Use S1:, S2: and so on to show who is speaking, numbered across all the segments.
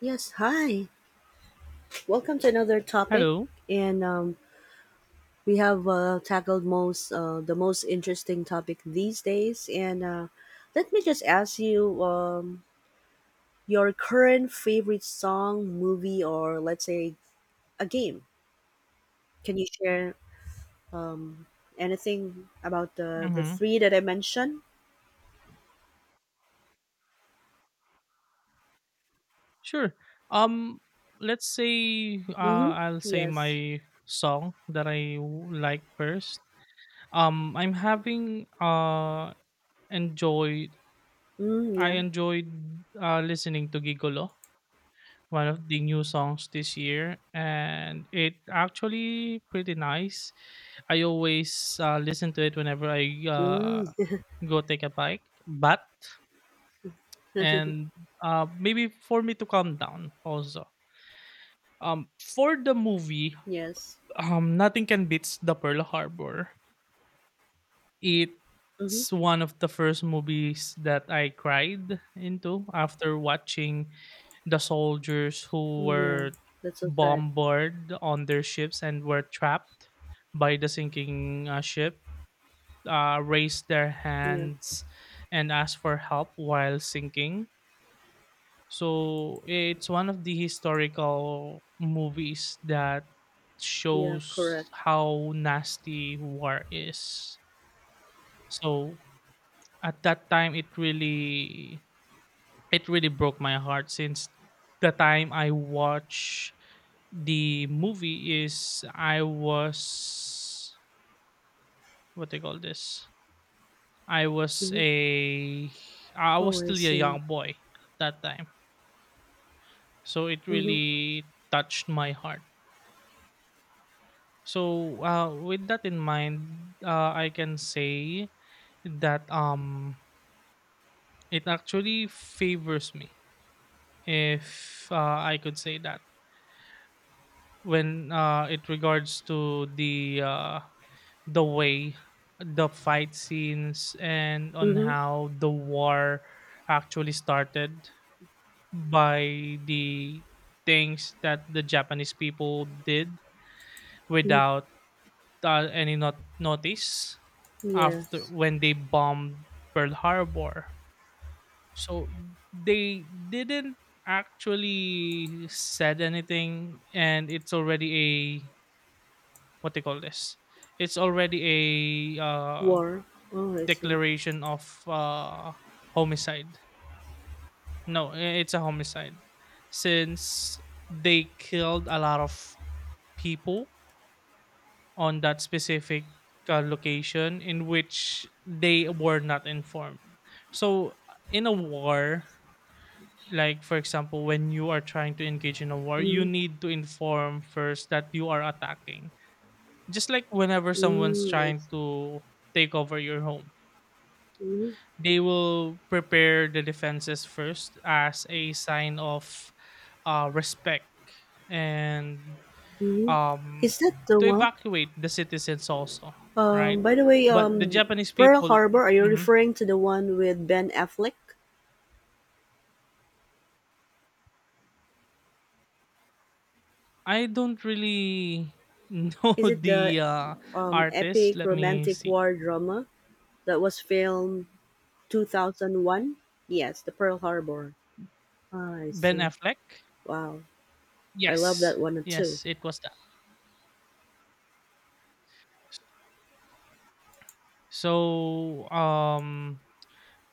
S1: Yes, hi. Welcome to another topic,
S2: Hello.
S1: and we have tackled most the most interesting topic these days. And let me just ask you your current favorite song, movie, or let's say a game. Can you share anything about the
S2: Mm-hmm.
S1: three that I mentioned?
S2: Sure. Um, let's say
S1: Mm-hmm.
S2: I'll say
S1: Yes.
S2: my song that like first. Um, I'm having uh enjoyed
S1: Mm,
S2: I
S1: yeah.
S2: enjoyed listening to Gigolo, one of the new songs this year, and it actually pretty nice. I always listen to it whenever I
S1: Mm,
S2: uh go take a bike, but and maybe for me to calm down also. For the movie,
S1: yes.
S2: nothing can beats the Pearl Harbor.
S1: Mm-hmm.
S2: It's one of the first movies that I cried into after watching the soldiers who
S1: Mm, yeah.
S2: were
S1: That's so sad.
S2: bombarded on their ships and were trapped by the sinking ship raised their
S1: Yeah.
S2: hands and asked for help while sinking. So it's one of the historical movies that
S1: Yeah. Correct.
S2: shows how nasty war is. So at that time it really broke my heart since the time I watched the movie is I was what they call this? I was
S1: Mm-hmm.
S2: a I was
S1: Oh, I
S2: still a
S1: see.
S2: young boy at that time. So it
S1: Mm-hmm.
S2: really touched my heart. So, with that in mind, I can say that it actually favors me, if I could say that, when it regards to the way the fight scenes and on
S1: Mm-hmm.
S2: how the war actually started by the things that the Japanese people did
S1: mm
S2: without any not- notice after
S1: Yes.
S2: when they bombed Pearl Harbor. So they didn't actually said anything and it's already a what they call this. It's already a
S1: War. Oh, I see.
S2: declaration of homicide. No, it's a homicide since they killed a lot of people on that specific location in which they were not informed. So, in a war, like for example, when you are trying to engage in a war, you
S1: Mm-hmm.
S2: need to inform first that you are attacking. Just like whenever someone's
S1: Mm, I
S2: trying
S1: see.
S2: to take over your home,
S1: Mm-hmm.
S2: they will prepare the defenses first as a sign of respect and
S1: Mm-hmm.
S2: um,
S1: Is that the
S2: to
S1: one?
S2: evacuate the citizens also, right?
S1: By the way,
S2: But the Japanese
S1: Pearl
S2: people,
S1: Harbor, are you
S2: mhm.
S1: referring to the one with Ben Affleck?
S2: I don't really know
S1: Is it the
S2: the artist.
S1: epic
S2: Let me
S1: romantic
S2: see.
S1: war drama that was filmed 2001? Yes, the Pearl Harbor. Ah, I
S2: Ben
S1: see.
S2: Affleck.
S1: Wow. I love
S2: Yes,
S1: that one too.
S2: yes, it was that. So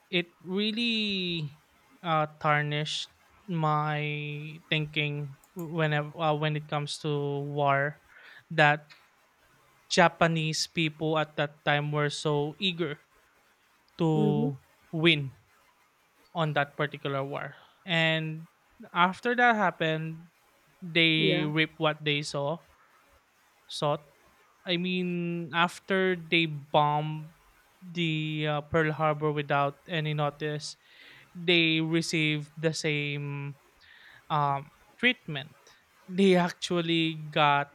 S2: it really tarnished my thinking whenever when it comes to war that Japanese people at that time were so eager
S1: Mm-hmm.
S2: to win on that particular war. And after that happened, they
S1: Yeah.
S2: reaped what they saw sought. I mean, after they bombed the Pearl Harbor without any notice, they received the same um, treatment. They actually got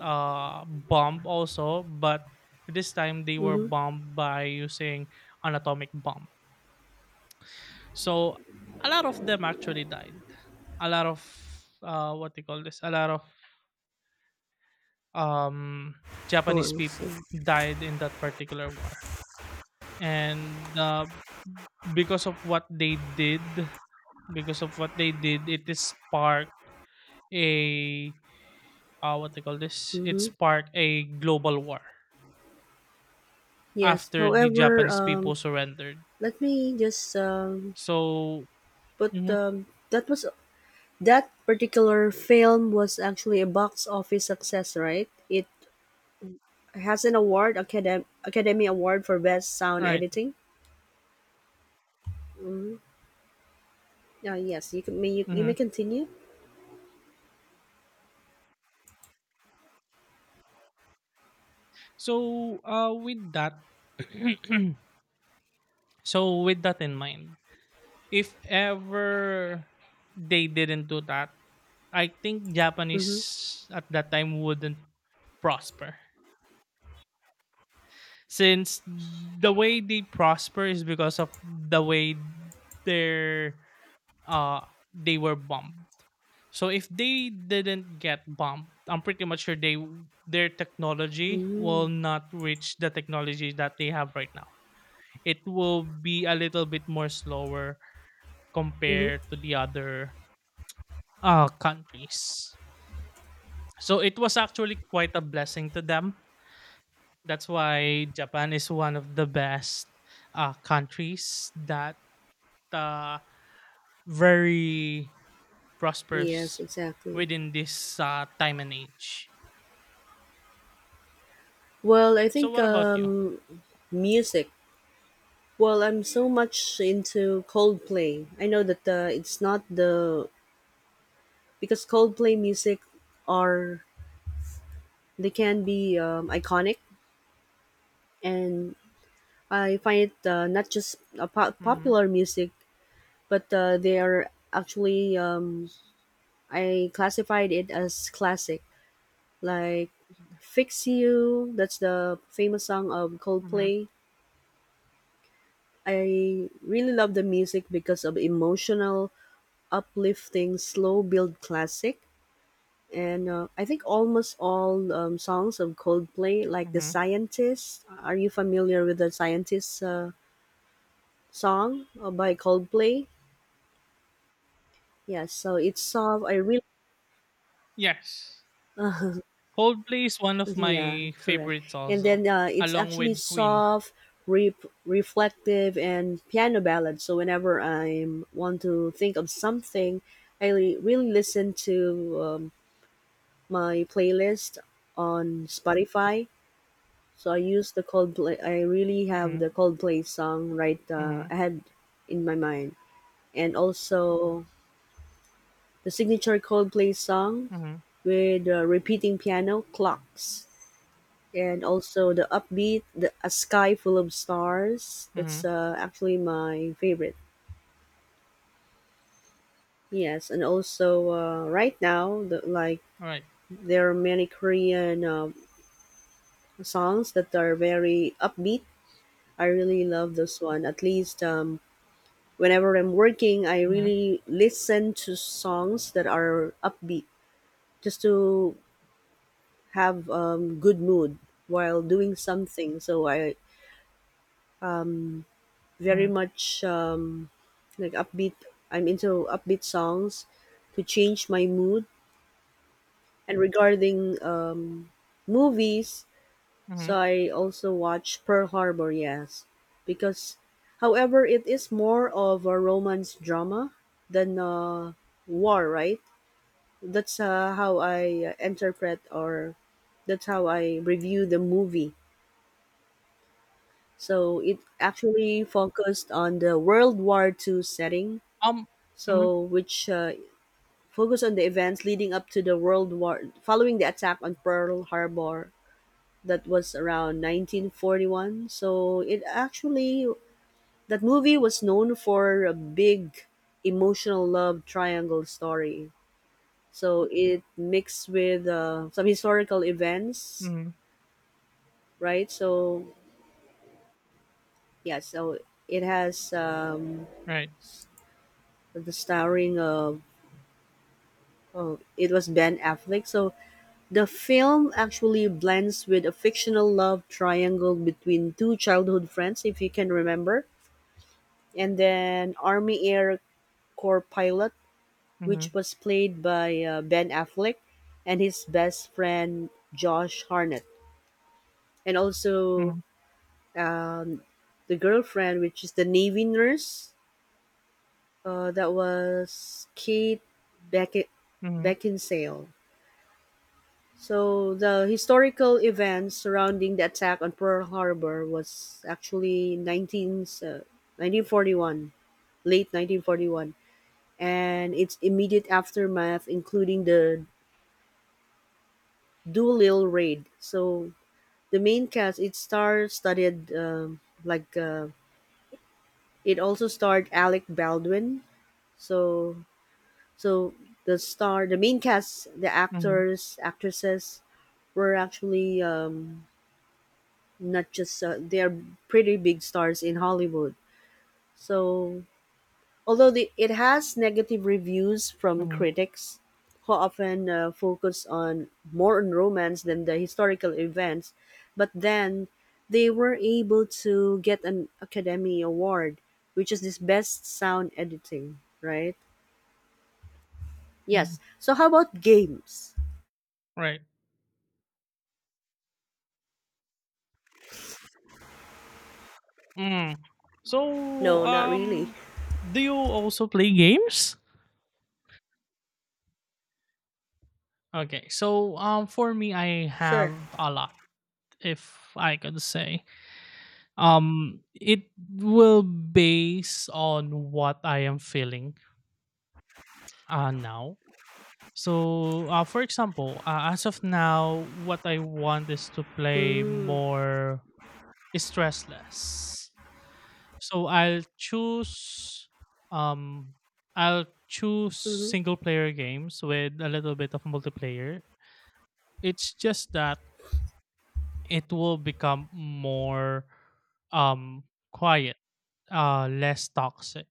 S2: bomb also, but this time they were
S1: Mm-hmm.
S2: bombed by using an atomic bomb. So a lot of them actually died. A lot of what do you call this? A lot of um,
S1: Oh,
S2: Japanese
S1: I see.
S2: people died in that particular war, and because of what they did, because of what they did, it is sparked a what do you call this? It
S1: Mm-hmm.
S2: sparked a global war
S1: Yes.
S2: after the
S1: However,
S2: Japanese people surrendered.
S1: Let me just
S2: So,
S1: put
S2: mhm,
S1: that was that particular film was actually a box office success, right? It has an award, Academy Award for Best Sound
S2: right.
S1: Editing. Yes, you can. You may
S2: Mhm.
S1: continue.
S2: So, with that, so with that in mind, if ever they didn't do that, I think
S1: Mm-hmm.
S2: Japanese at that time wouldn't prosper, since the way they prosper is because of the way their uh they were bombed. So if they didn't get bumped, I'm pretty much sure they their technology
S1: Mm-hmm.
S2: will not reach the technology that they have right now. It will be a little bit more slower
S1: Mm-hmm.
S2: compared to the other countries. So it was actually quite a blessing to them. That's why Japan is one of the best countries that uh, very
S1: Yes,
S2: prosperous
S1: exactly.
S2: within this time and age.
S1: Well, I
S2: So
S1: think
S2: what about you?
S1: music. Well, I'm so much into Coldplay. I know that it's not the because Coldplay music are they can be iconic, and I find it not just a
S2: Mhm,
S1: popular music, but they are actually I classified it as classic, like "Fix You." That's the famous song of
S2: mhm,
S1: Coldplay. I really love the music because of emotional, uplifting, slow build classic. And I think almost all songs of Coldplay, like The
S2: mhm.
S1: Scientist. Are you familiar with The Scientist song by Coldplay? Yeah, so it's soft. I really,
S2: Yes. Coldplay is one of
S1: yeah,
S2: my
S1: correct.
S2: favorites
S1: And
S2: also,
S1: then it's
S2: along
S1: actually
S2: with Queen.
S1: soft, re- reflective, and piano ballad. So whenever I want to think of something, I really listen to my playlist on Spotify. So I use the Coldplay. I really have the
S2: Mhm,
S1: Coldplay song right
S2: mhm,
S1: ahead in my mind, and also the signature Coldplay song
S2: mhm,
S1: with repeating piano clocks. And also the upbeat, the a sky full of stars. That's
S2: mhm.
S1: actually my favorite. Yes, and also right now, like
S2: Right.
S1: there are many Korean songs that are very upbeat. I really love this one. At least whenever I'm working, I
S2: Mhm,
S1: really listen to songs that are upbeat just to have good mood while doing something. So I um. very
S2: mhm,
S1: much like upbeat. I'm into upbeat songs to change my mood. And regarding movies,
S2: mhm.
S1: so I also watch Pearl Harbor, yes, because, however, it is more of a romance drama than war, right? That's how I interpret, or that's how I review the movie. So it actually focused on the World War II setting,
S2: Um, mhm,
S1: so which focus on the events leading up to the World War, following the attack on Pearl Harbor that was around 1941. So it actually that movie was known for a big emotional love triangle story. So it mixed with some historical events,
S2: mhm.
S1: right? So yeah, so it has
S2: Right.
S1: the starring of. Oh, it was Ben Affleck. So the film actually blends with a fictional love triangle between two childhood friends, if you can remember, and then Army Air Corps pilot, which
S2: Mhm,
S1: was played by Ben Affleck, and his best friend Josh Harnett, and also
S2: mhm,
S1: um, the girlfriend, which is the Navy nurse, that was Kate Beck-
S2: mhm,
S1: Beckinsale. So the historical events surrounding the attack on Pearl Harbor was actually 19, 1941, late 1941, and its immediate aftermath, including the Doolittle raid. So the main cast, it star-studded, like it also starred Alec Baldwin. So so the star, the main cast, the
S2: mhm,
S1: actors, actresses were actually not just they're pretty big stars in Hollywood. So although it has negative reviews from
S2: mhm,
S1: critics who often focus on more on romance than the historical events, but then they were able to get an Academy Award, which is this best sound editing, right? Yes.
S2: mhm.
S1: So how about games?
S2: Right. Mm. So,
S1: No, not really.
S2: do you also play games? Okay. So, for me, I
S1: Sure.
S2: have a lot, if I could say. It will base on what I am feeling now. So for example, as of now what I want is to play
S1: Mm.
S2: more stressless, so um I'll choose
S1: Mm-hmm.
S2: single player games with a little bit of multiplayer. It's just that it will become more um quiet, less toxic.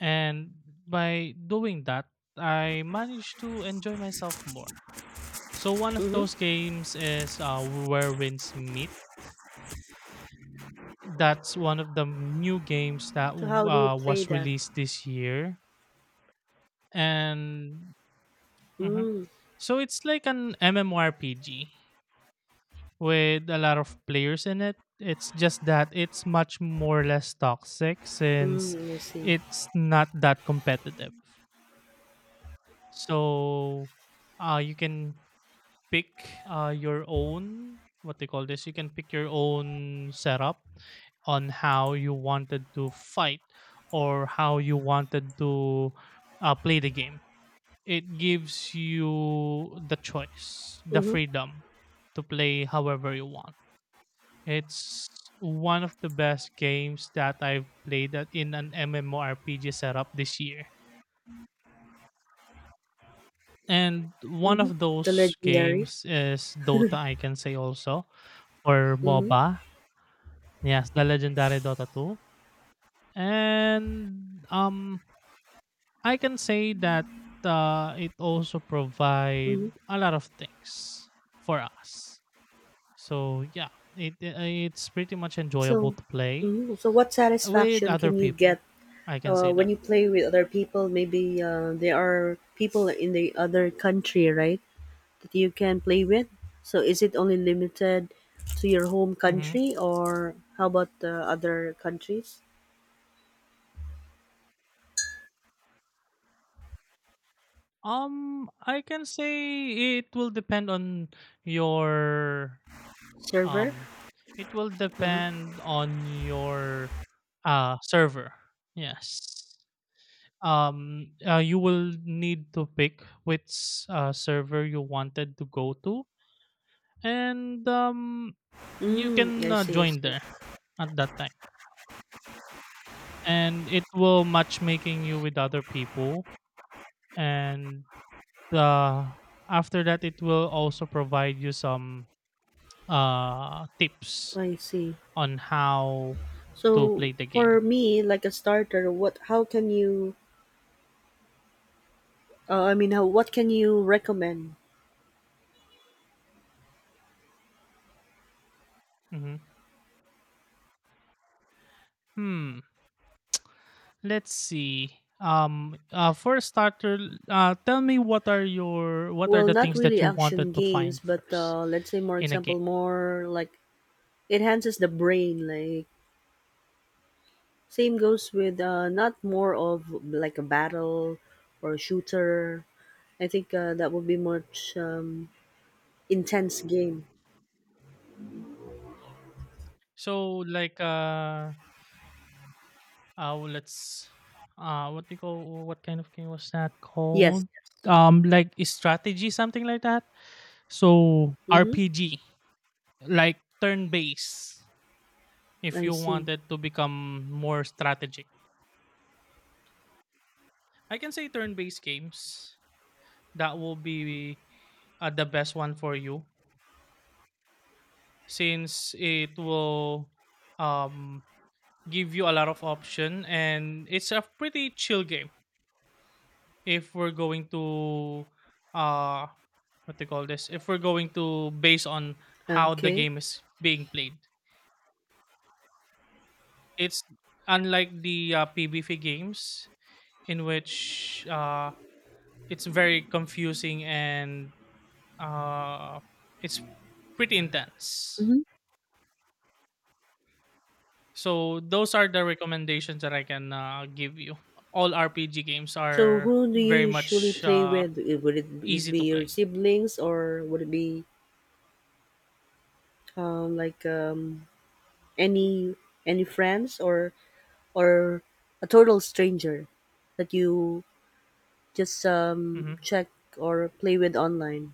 S2: And by doing that, I managed to enjoy myself more. So one of those
S1: Mm-hmm.
S2: games is Where Winds Meet. That's one of the new games that
S1: So how do you play
S2: was
S1: that?
S2: released this year, and mhm.
S1: Mm.
S2: So it's like an MMORPG with a lot of players in it. It's just that it's much more or less toxic since
S1: Mm, I see.
S2: it's not that competitive. So you can pick your own what they call this you can pick your own setup on how you wanted to fight or how you wanted to play the game. It gives you the choice, the
S1: Mhm,
S2: freedom to play however you want. It's one of the best games that I've played in an MMORPG setup this year. And one
S1: mhm.
S2: of
S1: The
S2: those
S1: legendary.
S2: games is Dota, I can say also, or
S1: Mhm,
S2: MOBA. Yes, the legendary Dota 2. And I can say that it also provide
S1: mhm.
S2: a lot of things for us. So yeah, it's pretty much
S1: So,
S2: enjoyable to play
S1: mhm. So, what
S2: with
S1: satisfaction
S2: other
S1: can you get
S2: people. I can say
S1: when
S2: that.
S1: you play with other people? Maybe there are people in the other country, right? That you can play with. So, is it only limited to your home
S2: Mhm.
S1: country, or how about the other countries?
S2: I can say it will depend on your
S1: Server.
S2: um it will
S1: Uh-huh.
S2: depend on your uh server. Yes. You will need to pick which server you wanted to go to, and you
S1: Mm,
S2: can
S1: I see. I
S2: join there
S1: see.
S2: at that time. And it will matchmaking you with other people, and uh, after that it will also provide you some tips
S1: I see.
S2: on how to
S1: So
S2: play the game.
S1: for me, like a starter, what how can you? I mean, how what can you recommend?
S2: hmm hmm let's see. For a starter, tell me what are
S1: Well,
S2: the
S1: not
S2: things that
S1: really
S2: you
S1: action
S2: wanted to
S1: games,
S2: find
S1: but
S2: first
S1: let's say more
S2: in a game.
S1: example, more like enhances the brain. Like same goes with not more of like a battle or a shooter. I think that would be much intense game.
S2: So like let's what do you call what kind of game was that
S1: Yes.
S2: called? Like is strategy something like that. So
S1: Mm-hmm.
S2: RPG like turn based if
S1: I
S2: you
S1: see.
S2: wanted to become more strategic. I can say turn based games, that will be the best one for you, since it will um give you a lot of option and it's a pretty chill game if we're going to uh what they call this if we're going to base on how the
S1: Okay.
S2: game is being played. It's unlike the PBF games in which it's very confusing and uh it's pretty intense.
S1: Mm-hmm.
S2: So those are the recommendations that I can give you. All RPG games
S1: So
S2: are
S1: who do you
S2: very
S1: usually
S2: much
S1: play with? Would it be
S2: easy
S1: be
S2: to
S1: your
S2: play.
S1: siblings, or would it be like any any friends, or a total stranger that you just
S2: Hmm.
S1: check or play with online.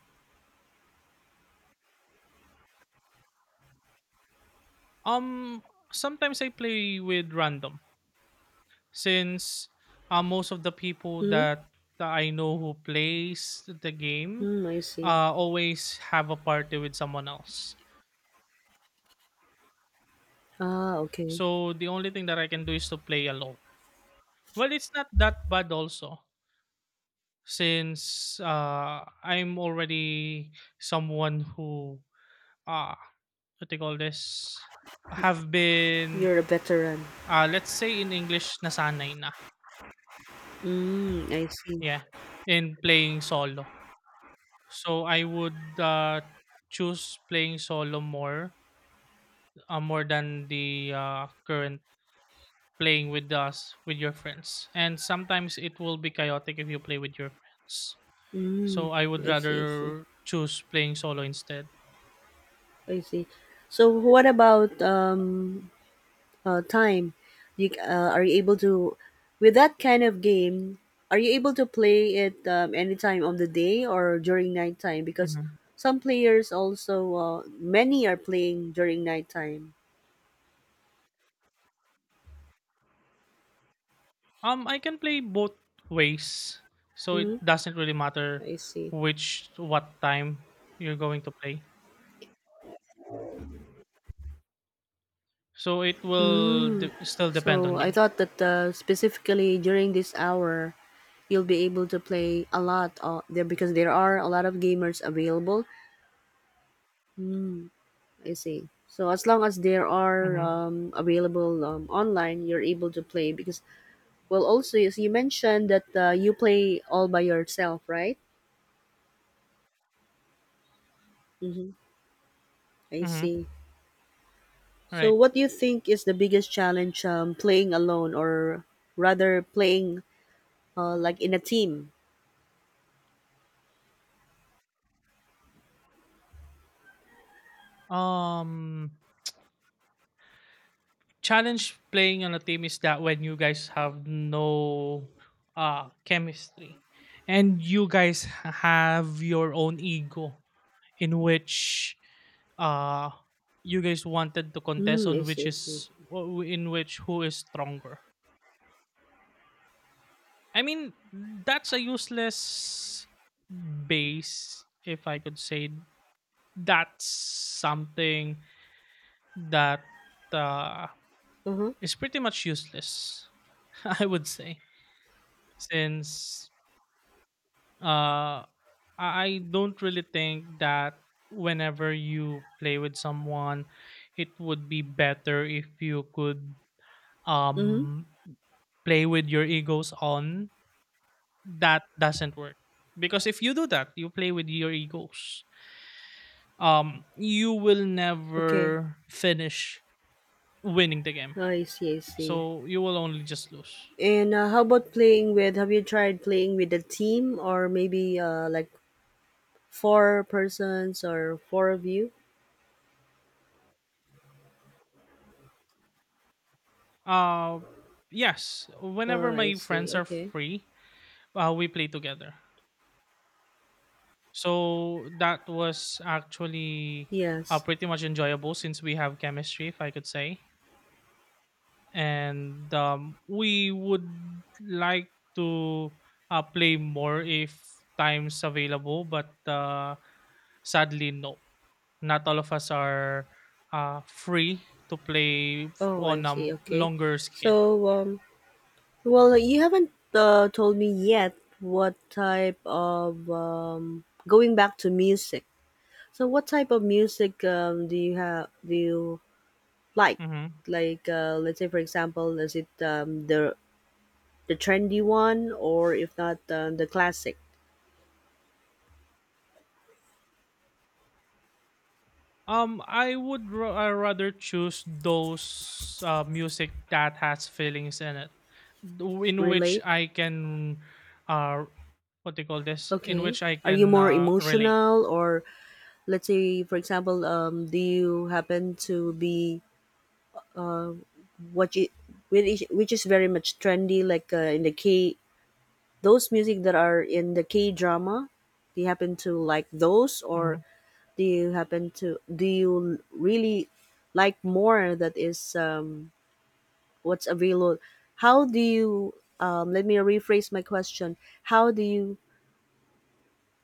S2: Um, sometimes I play with random, since most of the people
S1: Hmm?
S2: that I know who plays the game
S1: Hmm, I see.
S2: always have a party with someone else.
S1: Ah, okay.
S2: So the only thing that I can do is to play alone. Well, it's not that bad also, since I'm already someone who uh what they call this have been
S1: You're a veteran.
S2: let's say in English nasanay na,
S1: Mm, I see.
S2: yeah, in playing solo. So I would choose playing solo more, more than the current playing with your friends. And sometimes it will be chaotic if you play with your friends. So
S1: Mm,
S2: I would
S1: I see, I see.
S2: rather choose playing solo instead.
S1: I see. So what about time, you are you able to with that kind of game are you able to play it any time of the day or during nighttime, because
S2: Mhm.
S1: some players also many are playing during nighttime.
S2: I can play both ways, so it
S1: Mm-hmm.
S2: doesn't really matter
S1: I see.
S2: which what time you're going to play. So it will still depend
S1: So
S2: on
S1: I
S2: you.
S1: thought that specifically during this hour you'll be able to play a lot there, because there are a lot of gamers available. I see. So as long as there are
S2: Mm-hmm.
S1: available online, you're able to play, because well, also, yes, you mentioned that you play all by yourself, right? Mm-hmm. I
S2: Mm-hmm.
S1: see. So,
S2: Right.
S1: what do you think is the biggest challenge playing alone, or rather, playing like in a team?
S2: Um, challenge playing on a team is that when you guys have no chemistry, and you guys have your own ego in which uh you guys wanted to contest
S1: Mm, I
S2: on which
S1: see. I see.
S2: is in which who is stronger. I mean, that's a useless base, if I could say, that's something that uh,
S1: Uh huh.
S2: is pretty much useless, I would say, since uh I don't really think that whenever you play with someone, it would be better if you could
S1: Mm-hmm.
S2: um play with your egos on. That doesn't work, because if you do that, you play with your egos, you will
S1: Okay.
S2: never finish winning the game,
S1: Oh, I see. I see.
S2: so you will only just lose.
S1: And how about playing with? Have you tried playing with a team, or maybe like four persons or four of you?
S2: uh yes, whenever
S1: Oh, I
S2: my
S1: see.
S2: friends are
S1: Okay.
S2: free, we play together. So that was actually
S1: Yes.
S2: pretty much enjoyable since we have chemistry, if I could say, and we would like to play more if time's available, but sadly no, not all of us are free to play f-
S1: Oh, I
S2: on a
S1: see.
S2: m-
S1: Okay.
S2: longer scale.
S1: So, well, you haven't told me yet what type of going back to music. So, what type of music do you have? Do you like?
S2: Mm-hmm.
S1: Like, let's say, for example, is it the trendy one, or if not, the classic?
S2: I would rather choose those music that has feelings in it, in which
S1: Relate?
S2: I can, uh, what do you call this? In
S1: Okay.
S2: which I
S1: Are you
S2: can
S1: more
S2: relate.
S1: emotional, or let's say, for example, do you happen to be what you which is very much trendy, like in the K, those music that are in the K drama, do you happen to like those, or
S2: Mhm.
S1: do you really like more that is what's available? How do you? Let me rephrase my question. How do you?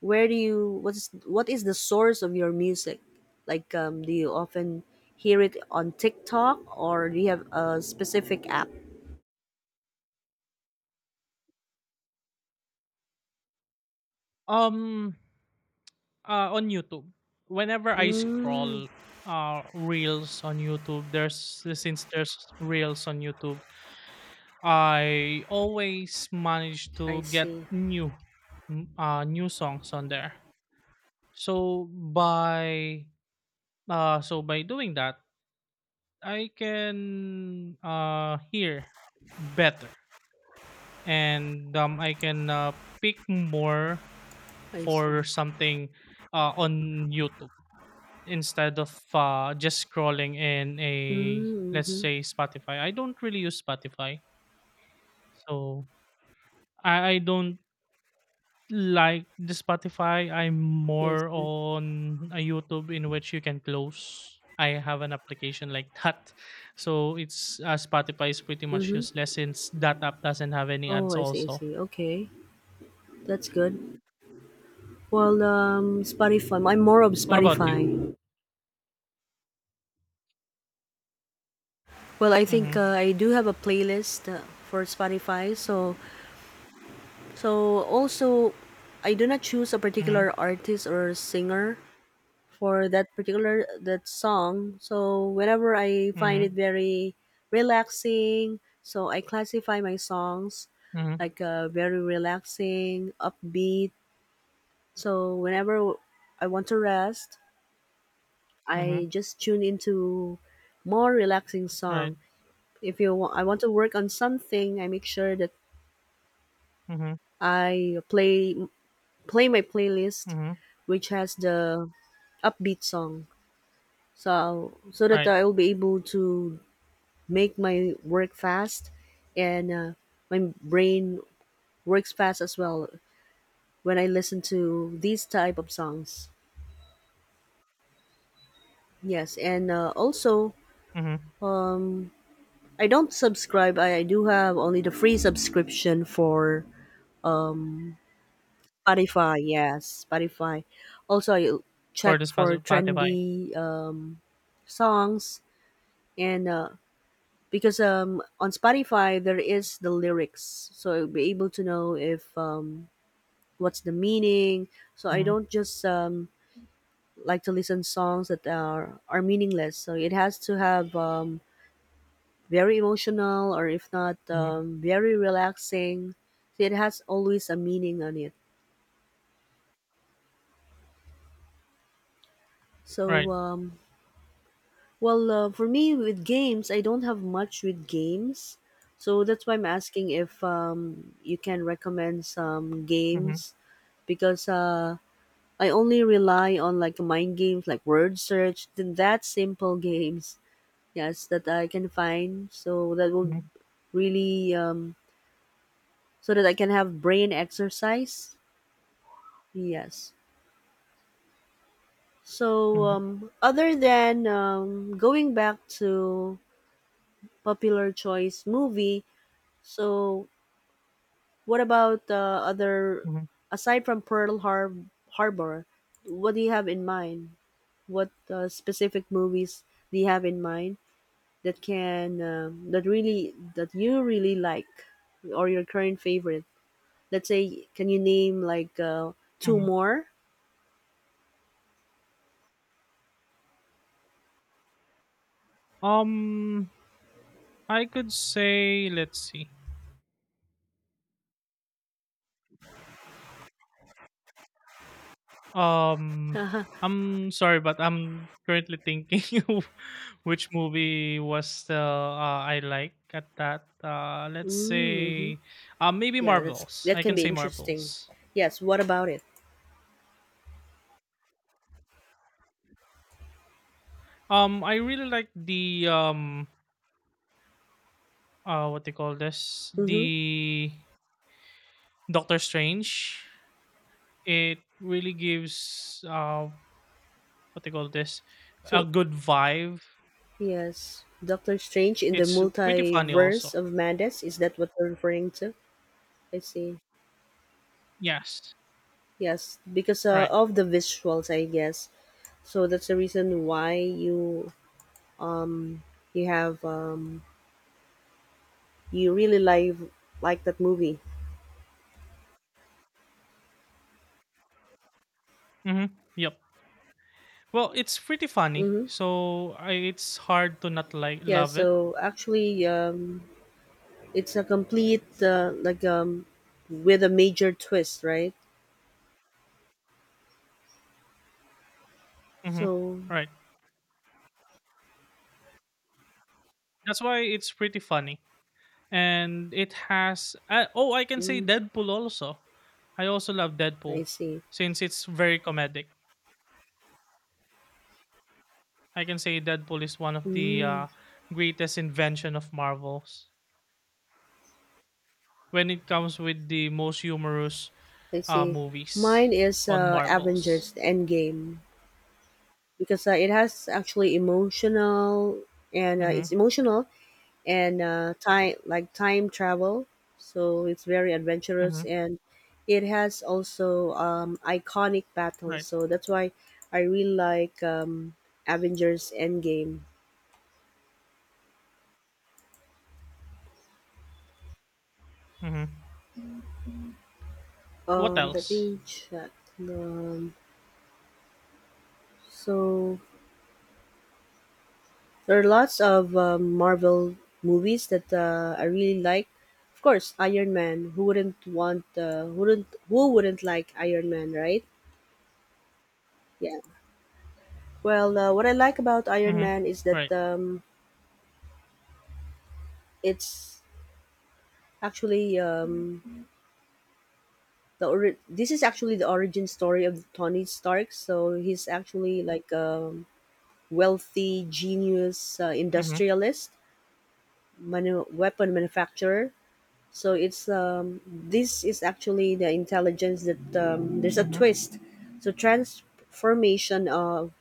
S1: Where do you? What is the source of your music? Like, do you often hear it on TikTok, or do you have a specific app?
S2: Um, on YouTube. Whenever I
S1: Mm,
S2: scroll reels on YouTube, there's since there's reels on YouTube, I always manage
S1: I
S2: to get
S1: see.
S2: new new songs on there. So by so by doing that, I can hear better, and I can pick more
S1: I see.
S2: for something on YouTube, instead of just scrolling in a
S1: Mm,
S2: let's
S1: mm-hmm.
S2: say Spotify. I don't really use Spotify, so I don't like the Spotify. I'm
S1: I
S2: more
S1: see.
S2: on a YouTube in which you can close. I have an application like that, so it's Spotify is pretty much
S1: Mm-hmm.
S2: useless since that app doesn't have any
S1: Oh,
S2: ads.
S1: I see, I
S2: Also,
S1: see. Okay, that's good. Well, Spotify. I'm more of
S2: what about you?
S1: Spotify. Well, I think
S2: Mm-hmm.
S1: I do have a playlist for Spotify. So, also, I do not choose a
S2: Mm-hmm.
S1: particular artist or singer for that song. So whenever I find it
S2: Mm-hmm.
S1: very relaxing, so I classify my songs
S2: Mm-hmm.
S1: like very relaxing, upbeat. So whenever I want to rest, I
S2: Mm-hmm.
S1: just tune into more relaxing
S2: Right.
S1: song. If you wa- I want to work on something, I make sure that
S2: Mm-hmm.
S1: I play my playlist,
S2: Mm-hmm.
S1: which has the upbeat song. So that
S2: Right.
S1: I will be able to make my work fast, and my brain works fast as well when I listen to these type of songs. Yes, and also
S2: Mm-hmm.
S1: I don't subscribe. I do have only the free subscription for Spotify, yes, Spotify. Also, I
S2: For
S1: check
S2: the
S1: for
S2: Spotify.
S1: trendy songs, and because on Spotify there is the lyrics, so I'll be able to know if what's the meaning. So I
S2: Mm-hmm.
S1: don't just like to listen songs that are meaningless. So it has to have very emotional, or if not,
S2: Mhm.
S1: very relaxing. So it has always a meaning on it.
S2: Right.
S1: So um, well, for me with games, I don't have much with games. So that's why I'm asking if you can recommend some
S2: Mhm,
S1: games, because I only rely on like mind games like word search, then that simple games. Yes, that I can find.
S2: mhm,
S1: Really um, so that I can have brain exercise. Yes. So
S2: mhm,
S1: other than going back to popular choice movie, so what about other
S2: mhm,
S1: aside from Pearl Harbor? What do you have in mind? What specific movies do you have in mind that you really like, or your current favorite? Let's say, can you name like two
S2: mhm.
S1: more?
S2: Um, I could say, let's see. Um, I'm sorry, but I'm currently thinking of which movie was the I like at that. Let's
S1: Mm-hmm.
S2: say, maybe
S1: Yeah,
S2: Marvels.
S1: that
S2: I
S1: can
S2: can
S1: be
S2: say
S1: interesting.
S2: Marvels.
S1: Yes. What about it?
S2: I really like the what they call this,
S1: Mm-hmm.
S2: the Doctor Strange. It really gives what they call this, a
S1: So
S2: good vibe.
S1: yes, Doctor Strange in the
S2: It's pretty funny also.
S1: Multiverse of Madness. Is that what we're referring to? I see.
S2: Yes.
S1: Yes, because
S2: Right.
S1: of the visuals, I guess. So that's the reason why um you have um you really like that movie.
S2: Mm-hmm. Yep. Well, it's pretty funny,
S1: Mm-hmm.
S2: so it's hard to not like
S1: Yeah.
S2: love it.
S1: So actually, it's a complete like with a major twist, right?
S2: Mm-hmm.
S1: So
S2: Right. That's why it's pretty funny, and it has. Oh, I can say
S1: mm,
S2: Deadpool also. I also love
S1: I
S2: Deadpool
S1: see.
S2: since it's very comedic. I can say Deadpool is one of the
S1: Mm,
S2: greatest invention of Marvels when it comes with the most humorous
S1: I see. Mine
S2: Movies
S1: is
S2: on marbles.
S1: Avengers Endgame, because it has actually emotional, and it's
S2: Mhm,
S1: emotional, and time like time travel. So it's very adventurous,
S2: mhm,
S1: and it has also iconic battles.
S2: right,
S1: So that's why I really like Avengers Endgame.
S2: mhm. What
S1: Let
S2: else?
S1: me check. Um, so there are lots of Marvel movies that I really like. Of course, Iron Man. Who wouldn't want? Wouldn't who wouldn't like Iron Man, right? Yeah. Well, what I like about Iron
S2: Mhm,
S1: Man is that
S2: right.
S1: It's actually the ori- this is actually the origin story of Tony Stark. So he's actually like a wealthy genius
S2: Mhm,
S1: industrialist, weapon manufacturer. So it's this is actually the intelligence that there's a
S2: mhm,
S1: twist. So transformation of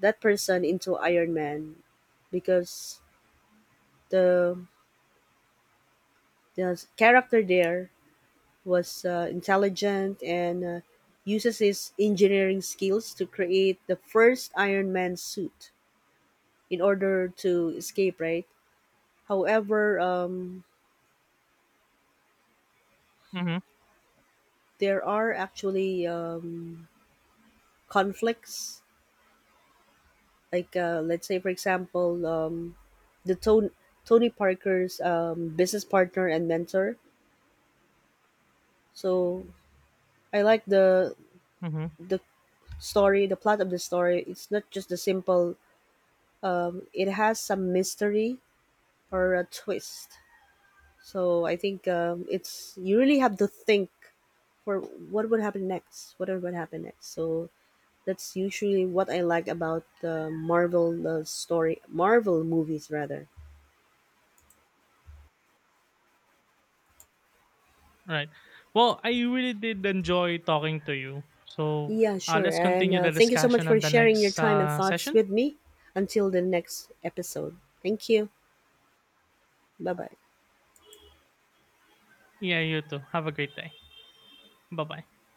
S1: that person into Iron Man, because the the character there was intelligent, and uses his engineering skills to create the first Iron Man suit in order to escape, right? However,
S2: mhm,
S1: there are actually conflicts. Like, let's say, for example, the Tony, Tony Parker's business partner and mentor. So I like the
S2: mhm,
S1: the story, the plot of the story. It's not just the simple. It has some mystery or a twist. So I think it's you really have to think for what would happen next, what would happen next. So that's usually what I like about the Marvel story, Marvel movies rather.
S2: right. Well, I really did enjoy talking to you. So,
S1: Yeah, sure.
S2: let's
S1: And
S2: continue the
S1: thank you so much
S2: discussion
S1: for
S2: on the
S1: sharing your
S2: next
S1: time and thoughts
S2: session.
S1: with me. Until the next episode. Thank you. Bye bye.
S2: Yeah, you too. Have a great day. Bye-bye.